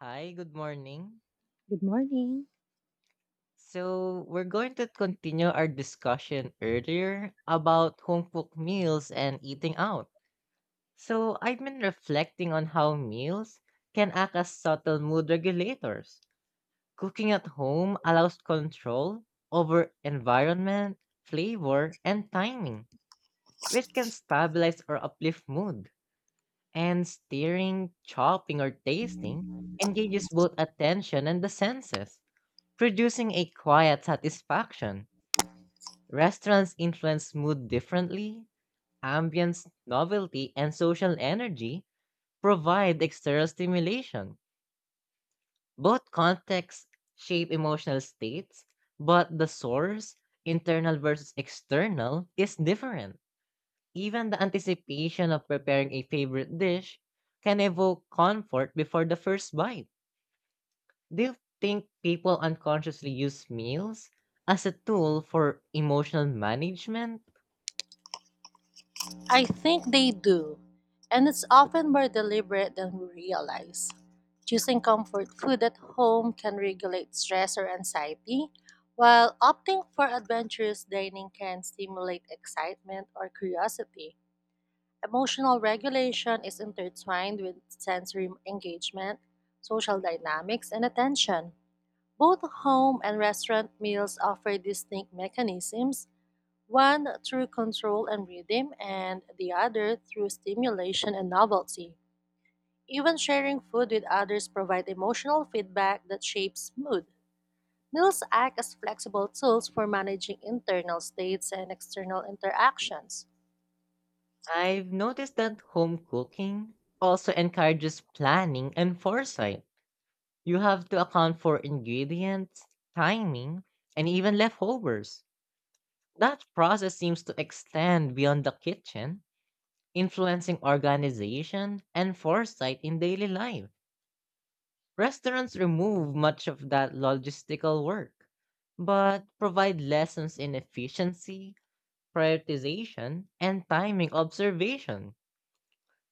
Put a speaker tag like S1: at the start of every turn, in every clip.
S1: Hi, good morning.
S2: Good morning.
S1: So, we're going to continue our discussion earlier about home cooked meals and eating out. So, I've been reflecting on how meals can act as subtle mood regulators. Cooking at home allows control over environment, flavor, and timing, which can stabilize or uplift mood. And stirring, chopping, or tasting engages both attention and the senses, producing a quiet satisfaction. Restaurants influence mood differently. Ambience, novelty, and social energy provide external stimulation. Both contexts shape emotional states, but the source, internal versus external, is different. Even the anticipation of preparing a favorite dish can evoke comfort before the first bite. Do you think people unconsciously use meals as a tool for emotional management?
S2: I think they do, and it's often more deliberate than we realize. Choosing comfort food at home can regulate stress or anxiety, while opting for adventurous dining can stimulate excitement or curiosity. Emotional regulation is intertwined with sensory engagement, social dynamics, and attention. Both home and restaurant meals offer distinct mechanisms, one through control and rhythm, and the other through stimulation and novelty. Even sharing food with others provide emotional feedback that shapes mood. Meals act as flexible tools for managing internal states and external interactions.
S1: I've noticed that home cooking also encourages planning and foresight. You have to account for ingredients, timing, and even leftovers. That process seems to extend beyond the kitchen, influencing organization and foresight in daily life. Restaurants remove much of that logistical work, but provide lessons in efficiency, prioritization, and timing observation.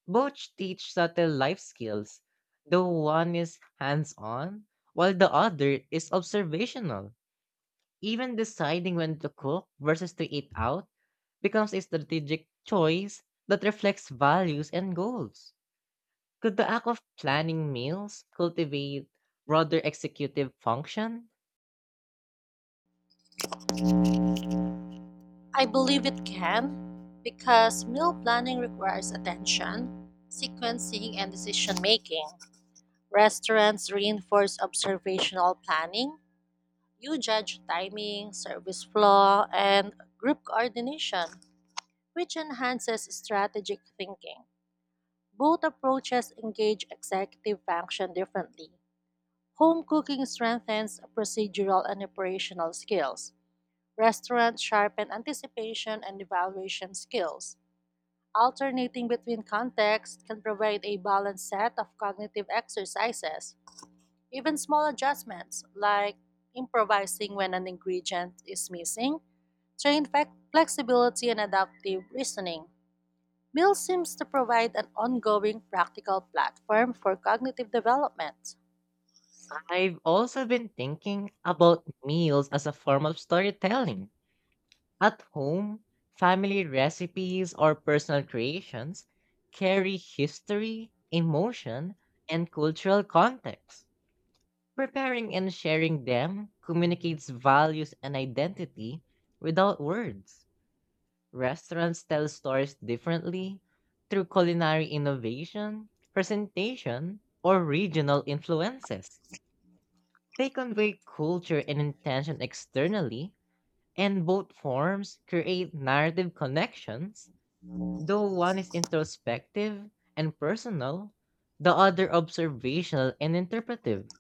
S1: Both teach subtle life skills, though one is hands on, while the other is observational. Even deciding when to cook versus to eat out becomes a strategic choice that reflects values and goals. Could the act of planning meals cultivate broader executive function?
S2: I believe it can because meal planning requires attention, sequencing, and decision making. Restaurants reinforce observational planning. You judge timing, service flow, and group coordination, which enhances strategic thinking. Both approaches engage executive function differently. Home cooking strengthens procedural and operational skills. Restaurants sharpen anticipation and evaluation skills. Alternating between contexts can provide a balanced set of cognitive exercises. Even small adjustments, like improvising when an ingredient is missing, train flexibility and adaptive reasoning. Bill seems to provide an ongoing practical platform for cognitive development.
S1: I've also been thinking about meals as a form of storytelling. At home, family recipes or personal creations carry history, emotion, and cultural context. Preparing and sharing them communicates values and identity without words. Restaurants tell stories differently through culinary innovation, presentation, or regional influences. They convey culture and intention externally, and both forms create narrative connections. Though one is introspective and personal, the other observational and interpretive.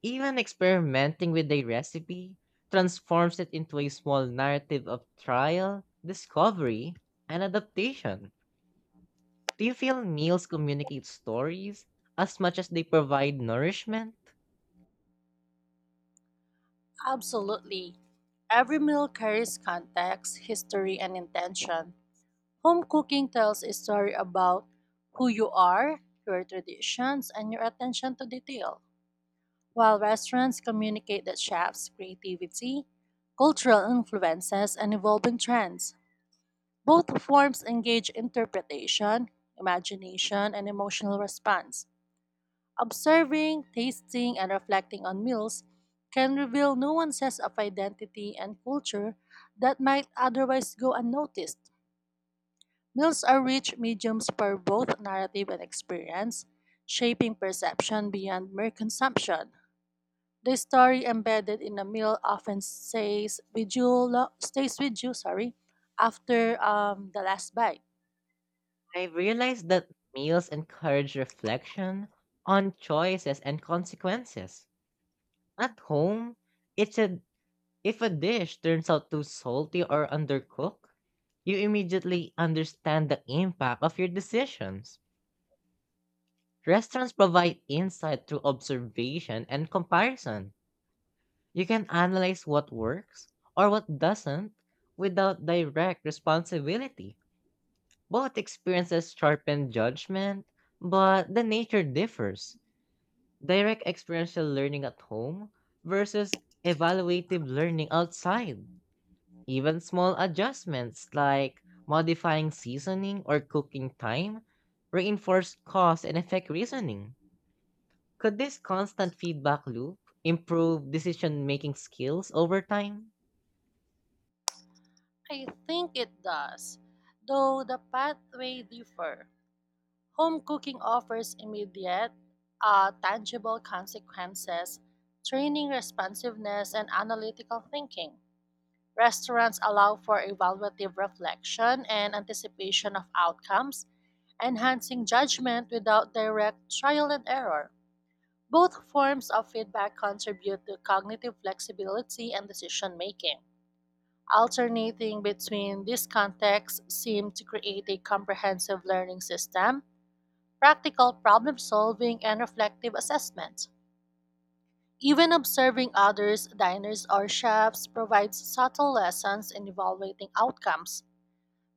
S1: Even experimenting with a recipe transforms it into a small narrative of trial, discovery, and adaptation. Do you feel meals communicate stories as much as they provide nourishment?
S2: Absolutely. Every meal carries context, history, and intention. Home cooking tells a story about who you are, your traditions, and your attention to detail, while restaurants communicate the chef's creativity, cultural influences, and evolving trends. Both forms engage interpretation, imagination, and emotional response. Observing, tasting, and reflecting on meals can reveal nuances of identity and culture that might otherwise go unnoticed. Meals are rich mediums for both narrative and experience, shaping perception beyond mere consumption. The story embedded in a meal often stays with you, sorry, after the last bite.
S1: I've realized that meals encourage reflection on choices and consequences. At home, it's a if a dish turns out too salty or undercooked, you immediately understand the impact of your decisions. Restaurants provide insight through observation and comparison. You can analyze what works or what doesn't without direct responsibility. Both experiences sharpen judgment, but the nature differs. Direct experiential learning at home versus evaluative learning outside. Even small adjustments like modifying seasoning or cooking time reinforce cause and effect reasoning. Could this constant feedback loop improve decision making skills over time?
S2: I think it does, though the pathway differ. Home cooking offers immediate, tangible consequences, training responsiveness and analytical thinking. Restaurants allow for evaluative reflection and anticipation of outcomes, enhancing judgment without direct trial and error. Both forms of feedback contribute to cognitive flexibility and decision making. Alternating between these contexts seemed to create a comprehensive learning system, practical problem solving, and reflective assessment. Even observing others, diners, or chefs provides subtle lessons in evaluating outcomes.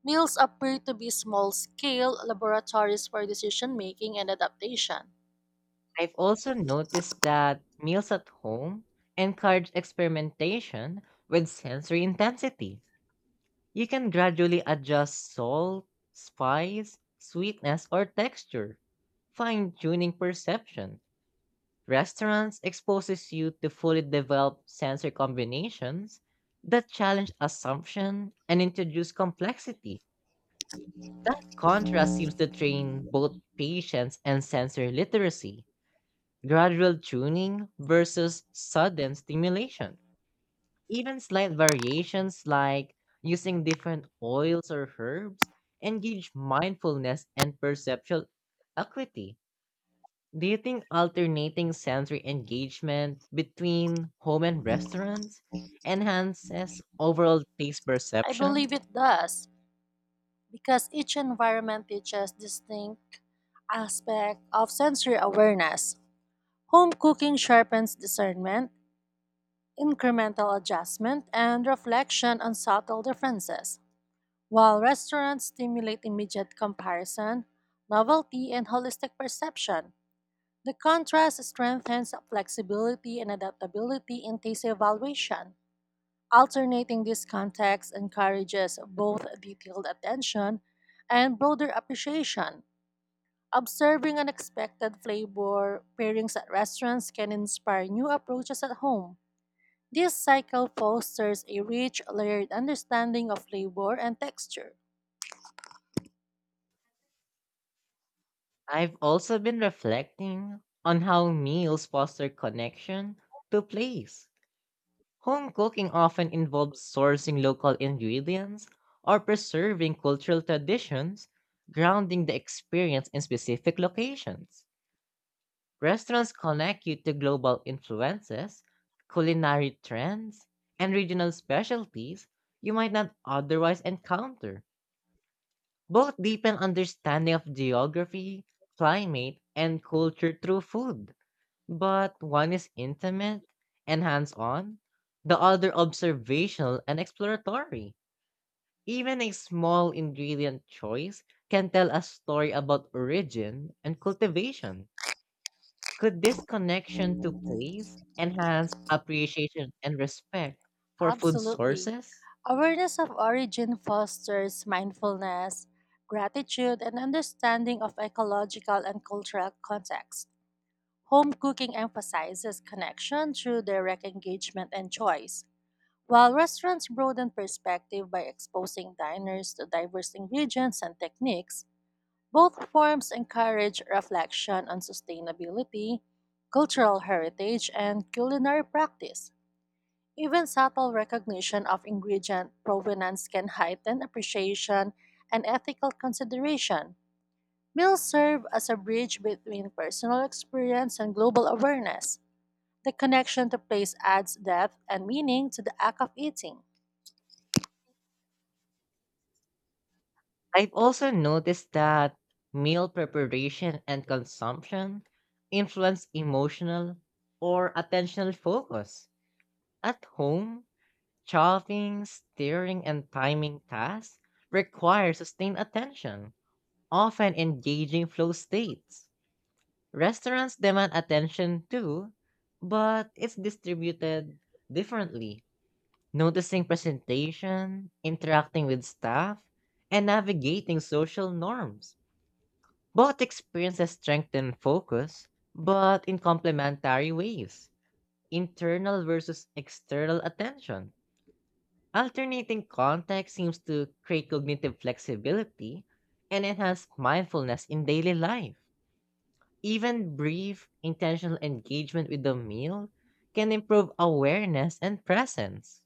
S2: Meals appear to be small scale laboratories for decision making and adaptation.
S1: I've also noticed that meals at home encourage experimentation with sensory intensity. You can gradually adjust salt, spice, sweetness, or texture, fine-tuning perception. Restaurants exposes you to fully developed sensory combinations that challenge assumption and introduce complexity. That contrast seems to train both patience and sensory literacy. Gradual tuning versus sudden stimulation. Even slight variations like using different oils or herbs engage mindfulness and perceptual acuity. Do you think alternating sensory engagement between home and restaurants enhances overall taste
S2: I
S1: perception?
S2: believe it does, because each environment teaches distinct aspect of sensory awareness. Home cooking sharpens discernment, incremental adjustment, and reflection on subtle differences, while restaurants stimulate immediate comparison, novelty, and holistic perception. The contrast strengthens flexibility and adaptability in taste evaluation. Alternating these contexts encourages both detailed attention and broader appreciation. Observing unexpected flavor pairings at restaurants can inspire new approaches at home. This cycle fosters a rich, layered understanding of flavor and texture.
S1: I've also been reflecting on how meals foster connection to place. Home cooking often involves sourcing local ingredients or preserving cultural traditions, grounding the experience in specific locations. Restaurants connect you to global influences, culinary trends, and regional specialties you might not otherwise encounter. Both deepen understanding of geography, climate, and culture through food. But one is intimate and hands on, the other observational and exploratory. Even a small ingredient choice can tell a story about origin and cultivation. Could this connection to place enhance appreciation and respect for food
S2: Absolutely.
S1: sources?
S2: Awareness of origin fosters mindfulness, gratitude, and understanding of ecological and cultural context. Home cooking emphasizes connection through direct engagement and choice, while restaurants broaden perspective by exposing diners to diverse ingredients and techniques. Both forms encourage reflection on sustainability, cultural heritage, and culinary practice. Even subtle recognition of ingredient provenance can heighten appreciation and ethical consideration. Meals serve as a bridge between personal experience and global awareness. The connection to place adds depth and meaning to the act of eating.
S1: I've also noticed that meal preparation and consumption influence emotional or attentional focus. At home, chopping, steering, and timing tasks require sustained attention, often engaging flow states. Restaurants demand attention too, but it's distributed differently. Noticing presentation, interacting with staff, and navigating social norms. Both experiences strengthen focus, but in complementary ways. Internal versus external attention. Alternating context seems to create cognitive flexibility and enhance mindfulness in daily life. Even brief, intentional engagement with the meal can improve awareness and presence.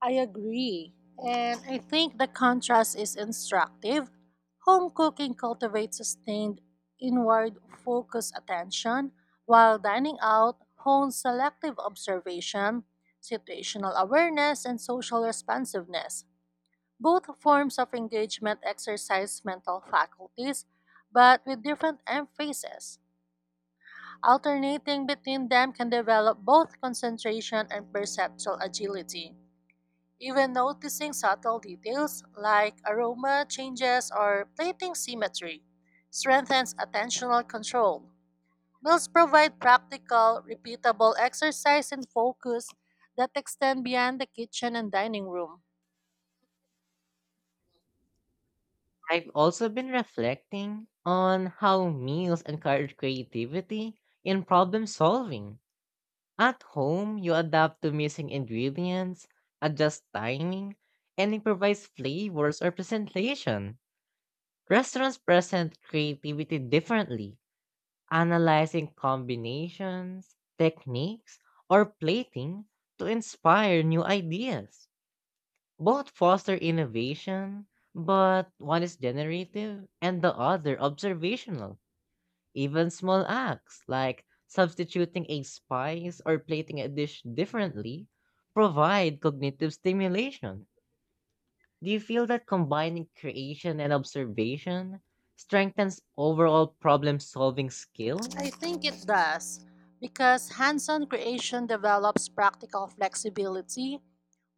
S2: I agree, and I think the contrast is instructive. Home cooking cultivates sustained, inward focused attention, while dining out hones selective observation, situational awareness, and social responsiveness. Both forms of engagement exercise mental faculties, but with different emphasis. Alternating between them can develop both concentration and perceptual agility. Even noticing subtle details like aroma changes or plating symmetry strengthens attentional control. Meals provide practical, repeatable exercise and focus that extend beyond the kitchen and dining room.
S1: I've also been reflecting on how meals encourage creativity in problem solving. At home, you adapt to missing ingredients, adjust timing, and improvise flavors or presentation. Restaurants present creativity differently, analyzing combinations, techniques, or plating to inspire new ideas. Both foster innovation, but one is generative and the other observational. Even small acts like substituting a spice or plating a dish differently provide cognitive stimulation. Do you feel that combining creation and observation strengthens overall problem solving
S2: I
S1: skills?
S2: think it does because hands on creation develops practical flexibility,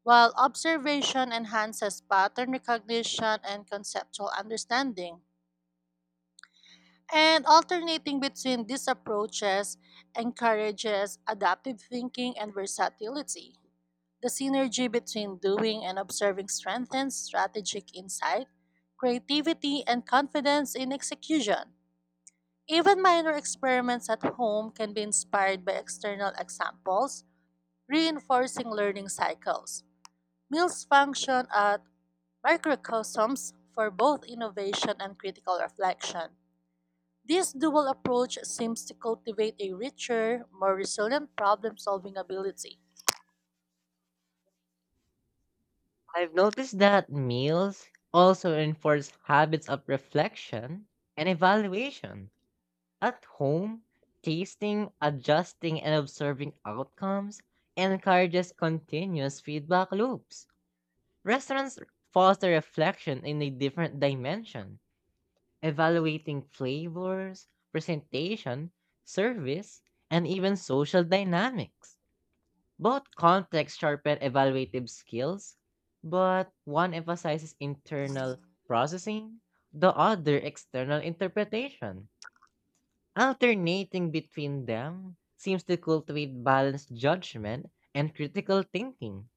S2: while observation enhances pattern recognition and conceptual understanding. And alternating between these approaches encourages adaptive thinking and versatility. The synergy between doing and observing strengthens strategic insight, creativity, and confidence in execution. Even minor experiments at home can be inspired by external examples, reinforcing learning cycles. Mills function as microcosms for both innovation and critical reflection. This dual approach seems to cultivate a richer, more resilient problem solving ability.
S1: I've noticed that meals also reinforce habits of reflection and evaluation. At home, tasting, adjusting, and observing outcomes encourages continuous feedback loops. Restaurants foster reflection in a different dimension, evaluating flavors, presentation, service, and even social dynamics. Both contexts sharpen evaluative skills, but one emphasizes internal processing, the other external interpretation. Alternating between them seems to cultivate balanced judgment and critical thinking.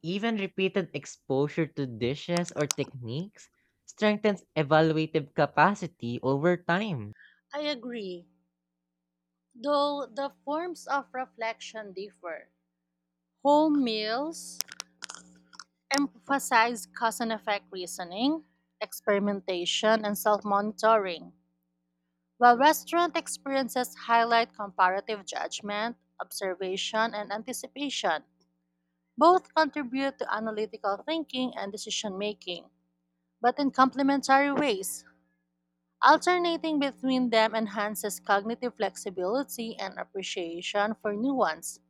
S1: Even repeated exposure to dishes or techniques strengthens evaluative capacity over time.
S2: I agree, though the forms of reflection differ. Home meals emphasize cause and effect reasoning, experimentation, and self monitoring, while restaurant experiences highlight comparative judgment, observation, and anticipation. Both contribute to analytical thinking and decision making, but in complementary ways. Alternating between them enhances cognitive flexibility and appreciation for nuance.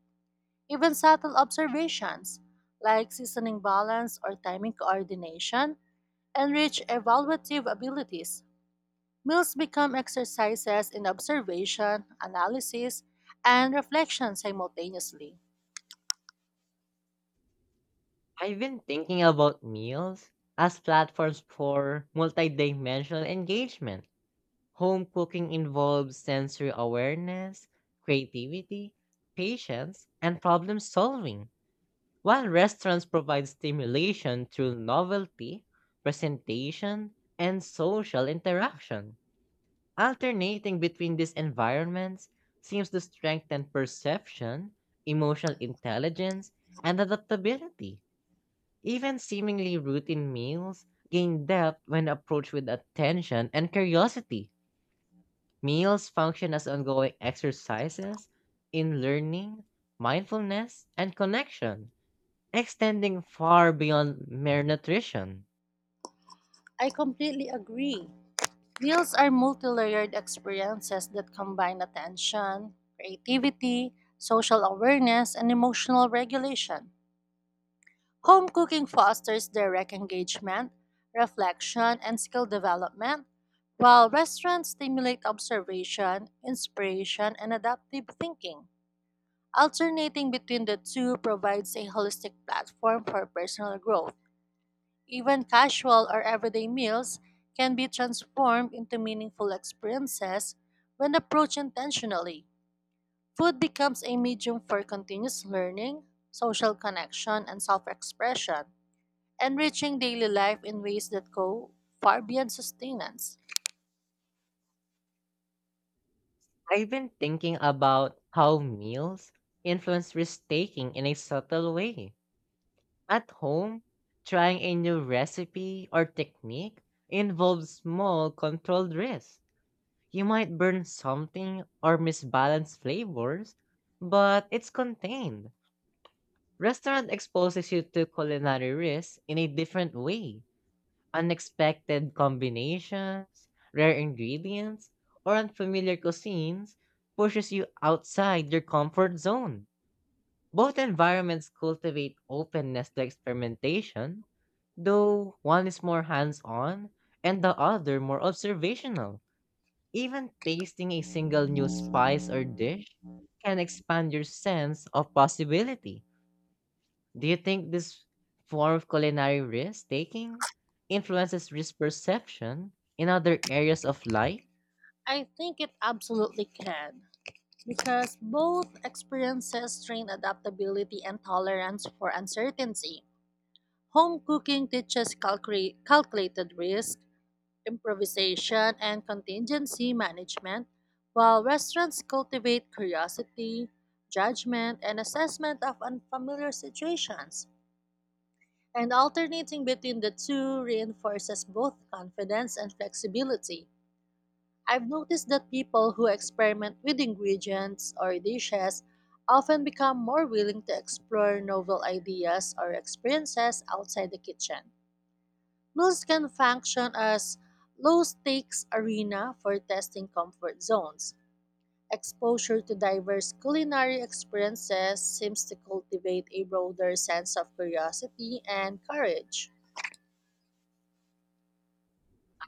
S2: Even subtle observations like seasoning balance or timing coordination enrich evaluative abilities. Meals become exercises in observation, analysis, and reflection simultaneously.
S1: I've been thinking about meals as platforms for multidimensional engagement. Home cooking involves sensory awareness, creativity, patience, and problem solving, while restaurants provide stimulation through novelty, presentation, and social interaction. Alternating between these environments seems to strengthen perception, emotional intelligence, and adaptability. Even seemingly routine meals gain depth when approached with attention and curiosity. Meals function as ongoing exercises in learning, mindfulness, and connection, extending far beyond mere nutrition.
S2: I completely agree. Deals are multi-layered experiences that combine attention, creativity, social awareness, and emotional regulation. Home cooking fosters direct engagement, reflection, and skill development, while restaurants stimulate observation, inspiration, and adaptive thinking. Alternating between the two provides a holistic platform for personal growth. Even casual or everyday meals can be transformed into meaningful experiences when approached intentionally. Food becomes a medium for continuous learning, social connection, and self expression, enriching daily life in ways that go far beyond sustenance.
S1: I've been thinking about how meals influence risk taking in a subtle way. At home, trying a new recipe or technique involves small, controlled risks. You might burn something or misbalance flavors, but it's contained. Restaurant exposes you to culinary risks in a different way. Unexpected combinations, rare ingredients, or unfamiliar cuisines pushes you outside your comfort zone. Both environments cultivate openness to experimentation, though one is more hands-on and the other more observational. Even tasting a single new spice or dish can expand your sense of possibility. Do you think this form of culinary risk taking influences risk perception in other areas of life?
S2: I think it absolutely can, because both experiences train adaptability and tolerance for uncertainty. Home cooking teaches calculated risk improvisation, and contingency management, while restaurants cultivate curiosity, judgment, and assessment of unfamiliar situations. And alternating between the two reinforces both confidence and flexibility. I've noticed that people who experiment with ingredients or dishes often become more willing to explore novel ideas or experiences outside the kitchen. Mills can function as low-stakes arena for testing comfort zones. Exposure to diverse culinary experiences seems to cultivate a broader sense of curiosity and courage.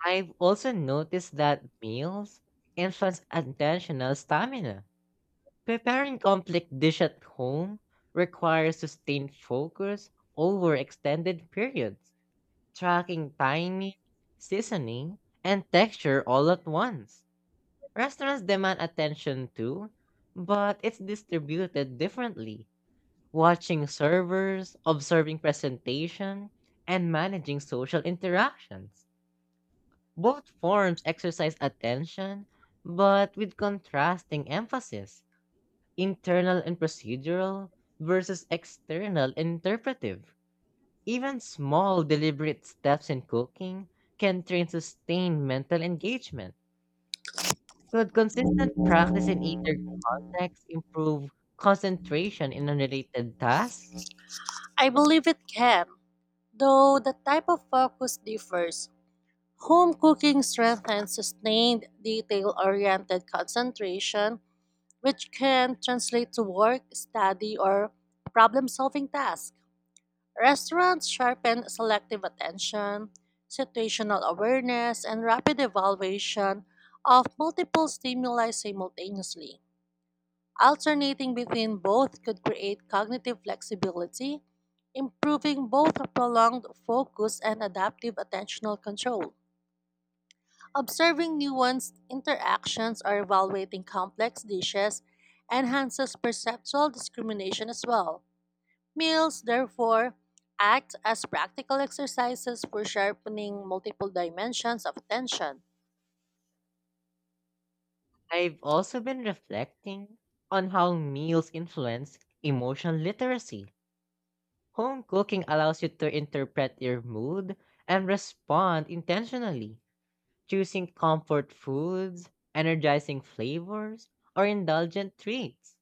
S1: I've also noticed that meals influence attentional stamina. Preparing complex dish at home requires sustained focus over extended periods, tracking timing, seasoning, and texture all at once. Restaurants demand attention too, but it's distributed differently. Watching servers, observing presentation, and managing social interactions. Both forms exercise attention, but with contrasting emphasis, internal and procedural versus external interpretive. Even small, deliberate steps in cooking can train sustained mental engagement. Could consistent practice in either context improve concentration in unrelated tasks?
S2: I believe it can, though the type of focus differs. Home cooking strengthens sustained, detail oriented concentration, which can translate to work, study, or problem solving tasks. Restaurants sharpen selective attention, situational awareness, and rapid evaluation of multiple stimuli simultaneously. Alternating between both could create cognitive flexibility, improving both prolonged focus and adaptive attentional control. Observing nuanced interactions or evaluating complex dishes enhances perceptual discrimination as well. Meals, therefore, act as practical exercises for sharpening multiple dimensions of attention.
S1: I've also been reflecting on how meals influence emotional literacy. Home cooking allows you to interpret your mood and respond intentionally, choosing comfort foods, energizing flavors, or indulgent treats.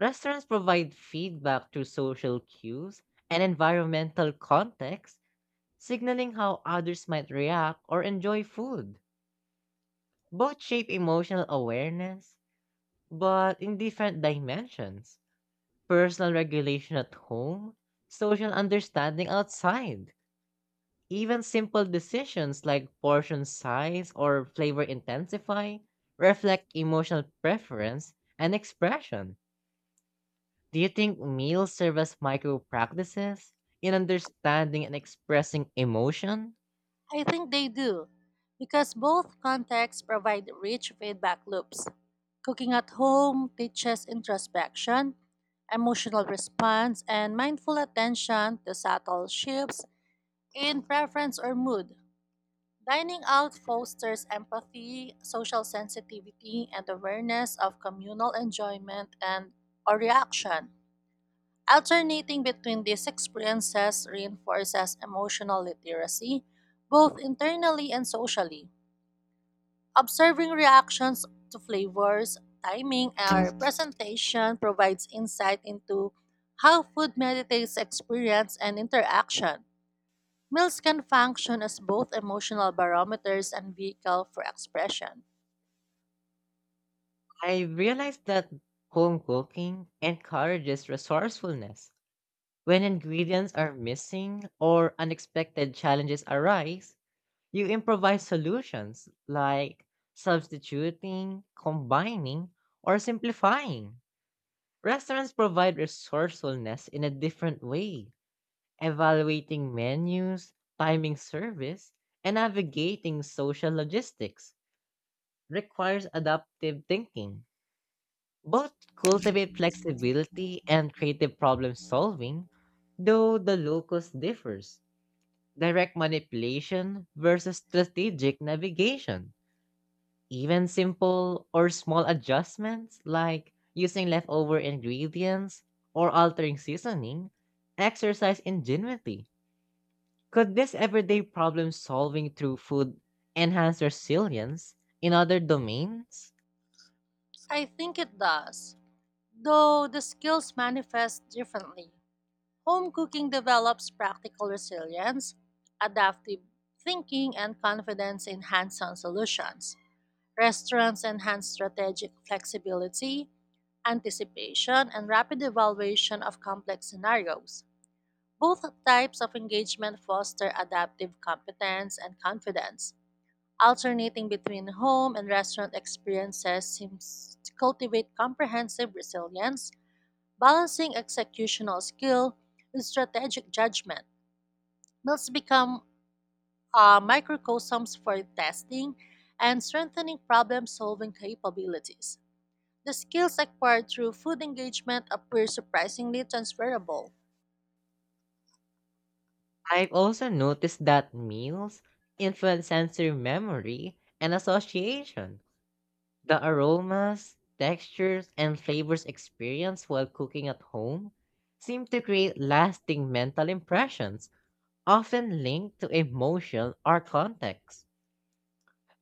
S1: Restaurants provide feedback through social cues and environmental context, signaling how others might react or enjoy food. Both shape emotional awareness, but in different dimensions. Personal regulation at home, social understanding outside. Even simple decisions like portion size or flavor intensify reflect emotional preference and expression. Do you think meals serve as micro practices in understanding and expressing emotion?
S2: I think they do, because both contexts provide rich feedback loops. Cooking at home teaches introspection, emotional response, and mindful attention to subtle shifts in preference or mood. Dining out fosters empathy, social sensitivity, and awareness of communal enjoyment and or reaction. Alternating between these experiences reinforces emotional literacy, both internally and socially. Observing reactions to flavors, timing, and presentation provides insight into how food meditates experience and interaction. Meals can function as both emotional barometers and vehicle for expression.
S1: I realized that home cooking encourages resourcefulness. When ingredients are missing or unexpected challenges arise, you improvise solutions like substituting, combining, or simplifying. Restaurants provide resourcefulness in a different way, evaluating menus, timing service, and navigating social logistics requires adaptive thinking. Both cultivate flexibility and creative problem solving, though the locus differs. Direct manipulation versus strategic navigation. Even simple or small adjustments like using leftover ingredients or altering seasoning exercise ingenuity. Could this everyday problem solving through food enhance resilience in other domains?
S2: I think it does, though the skills manifest differently. Home cooking develops practical resilience, adaptive thinking, and confidence in hands on solutions. Restaurants enhance strategic flexibility, anticipation, and rapid evaluation of complex scenarios. Both types of engagement foster adaptive competence and confidence. Alternating between home and restaurant experiences seems to cultivate comprehensive resilience, balancing executional skill with strategic judgment. Meals become microcosms for testing and strengthening problem solving capabilities. The skills acquired through food engagement appear surprisingly transferable.
S1: I've also noticed that meals influence sensory memory and association. The aromas, textures, and flavors experienced while cooking at home seem to create lasting mental impressions, often linked to emotion or context.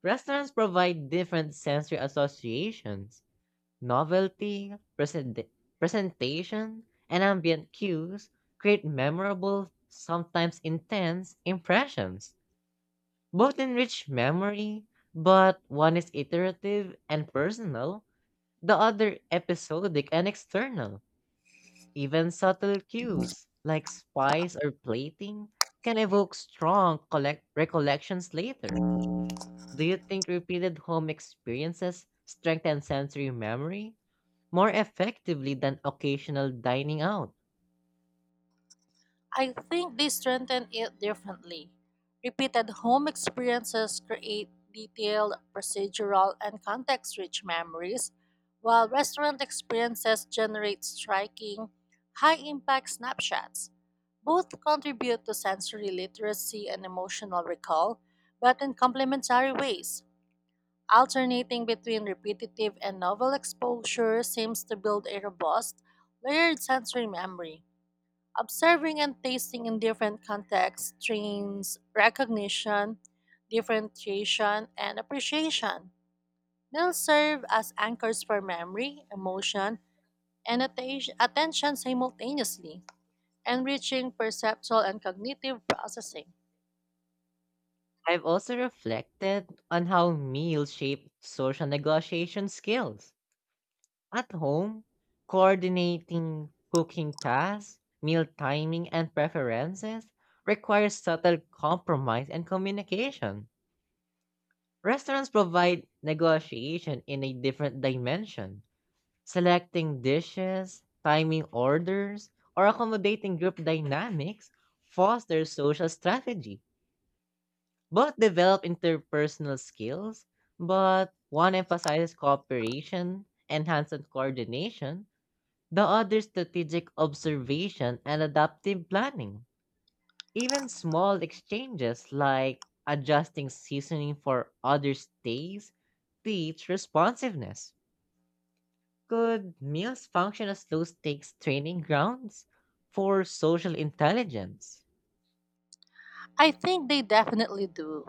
S1: Restaurants provide different sensory associations. Novelty, presentation, and ambient cues create memorable, sometimes intense, impressions. Both enrich memory, but one is iterative and personal, the other episodic and external. Even subtle cues, like spice or plating, can evoke strong recollections later. Do you think repeated home experiences strengthen sensory memory more effectively than occasional dining out?
S2: I think they strengthen it differently. Repeated home experiences create detailed, procedural, and context rich memories, while restaurant experiences generate striking, high impact snapshots. Both contribute to sensory literacy and emotional recall, but in complementary ways. Alternating between repetitive and novel exposure seems to build a robust, layered sensory memory. Observing and tasting in different contexts trains recognition, differentiation, and appreciation. Meals serve as anchors for memory, emotion, and attention simultaneously, enriching perceptual and cognitive processing.
S1: I've also reflected on how meals shape social negotiation skills. At home, coordinating cooking tasks, meal timing, and preferences requires subtle compromise and communication. Restaurants provide negotiation in a different dimension, selecting dishes, timing orders, or accommodating group dynamics fosters social strategy. Both develop interpersonal skills, but one emphasizes cooperation, enhanced coordination, the other strategic observation and adaptive planning. Even small exchanges like adjusting seasoning for other stays teach responsiveness. Could meals function as low stakes training grounds for social intelligence?
S2: I think they definitely do.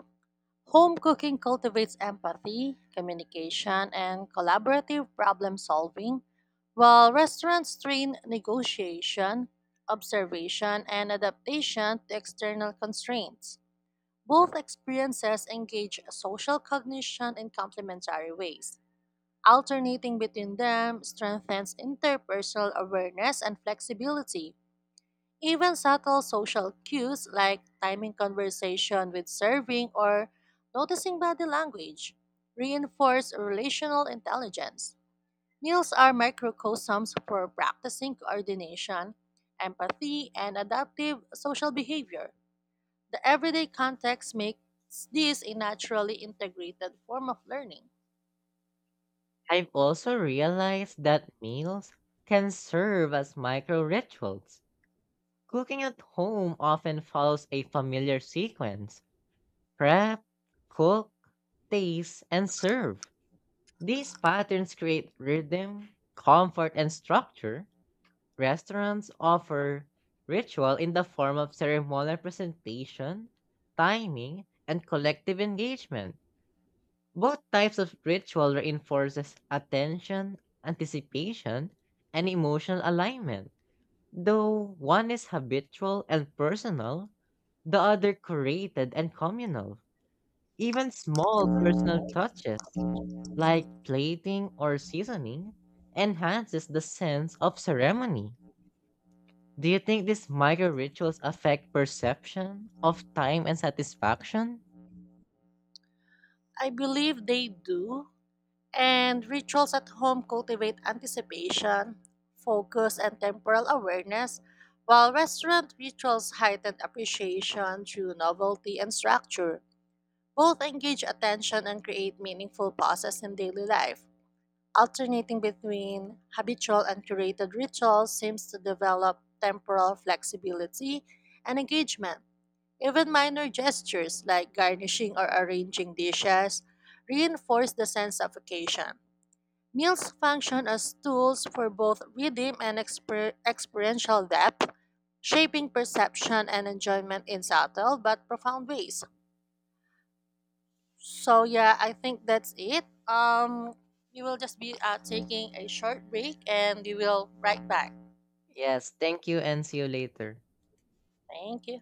S2: Home cooking cultivates empathy, communication, and collaborative problem solving, while restaurants train negotiation, observation, and adaptation to external constraints. Both experiences engage social cognition in complementary ways. Alternating between them strengthens interpersonal awareness and flexibility. Even subtle social cues like timing conversation with serving or noticing body language reinforce relational intelligence. Meals are microcosms for practicing coordination, empathy, and adaptive social behavior. The everyday context makes this a naturally integrated form of learning.
S1: I've also realized that meals can serve as micro rituals. Cooking at home often follows a familiar sequence, prep, cook, taste, and serve. These patterns create rhythm, comfort, and structure. Restaurants offer ritual in the form of ceremonial presentation, timing, and collective engagement. Both types of ritual reinforces attention, anticipation, and emotional alignment. Though one is habitual and personal, the other created and communal. Even small personal touches, like plating or seasoning, enhances the sense of ceremony. Do you think these micro rituals affect perception of time and satisfaction?
S2: I believe they do. And rituals at home cultivate anticipation, focus, and temporal awareness, while restaurant rituals heighten appreciation through novelty and structure. Both engage attention and create meaningful pauses in daily life. Alternating between habitual and curated rituals seems to develop temporal flexibility and engagement. Even minor gestures like garnishing or arranging dishes reinforce the sense of occasion. Meals function as tools for both rhythm and experiential depth, shaping perception and enjoyment in subtle but profound ways. So yeah, I think that's it. We will just be taking a short break, and we will right back.
S1: Yes, thank you and see you later.
S2: Thank you.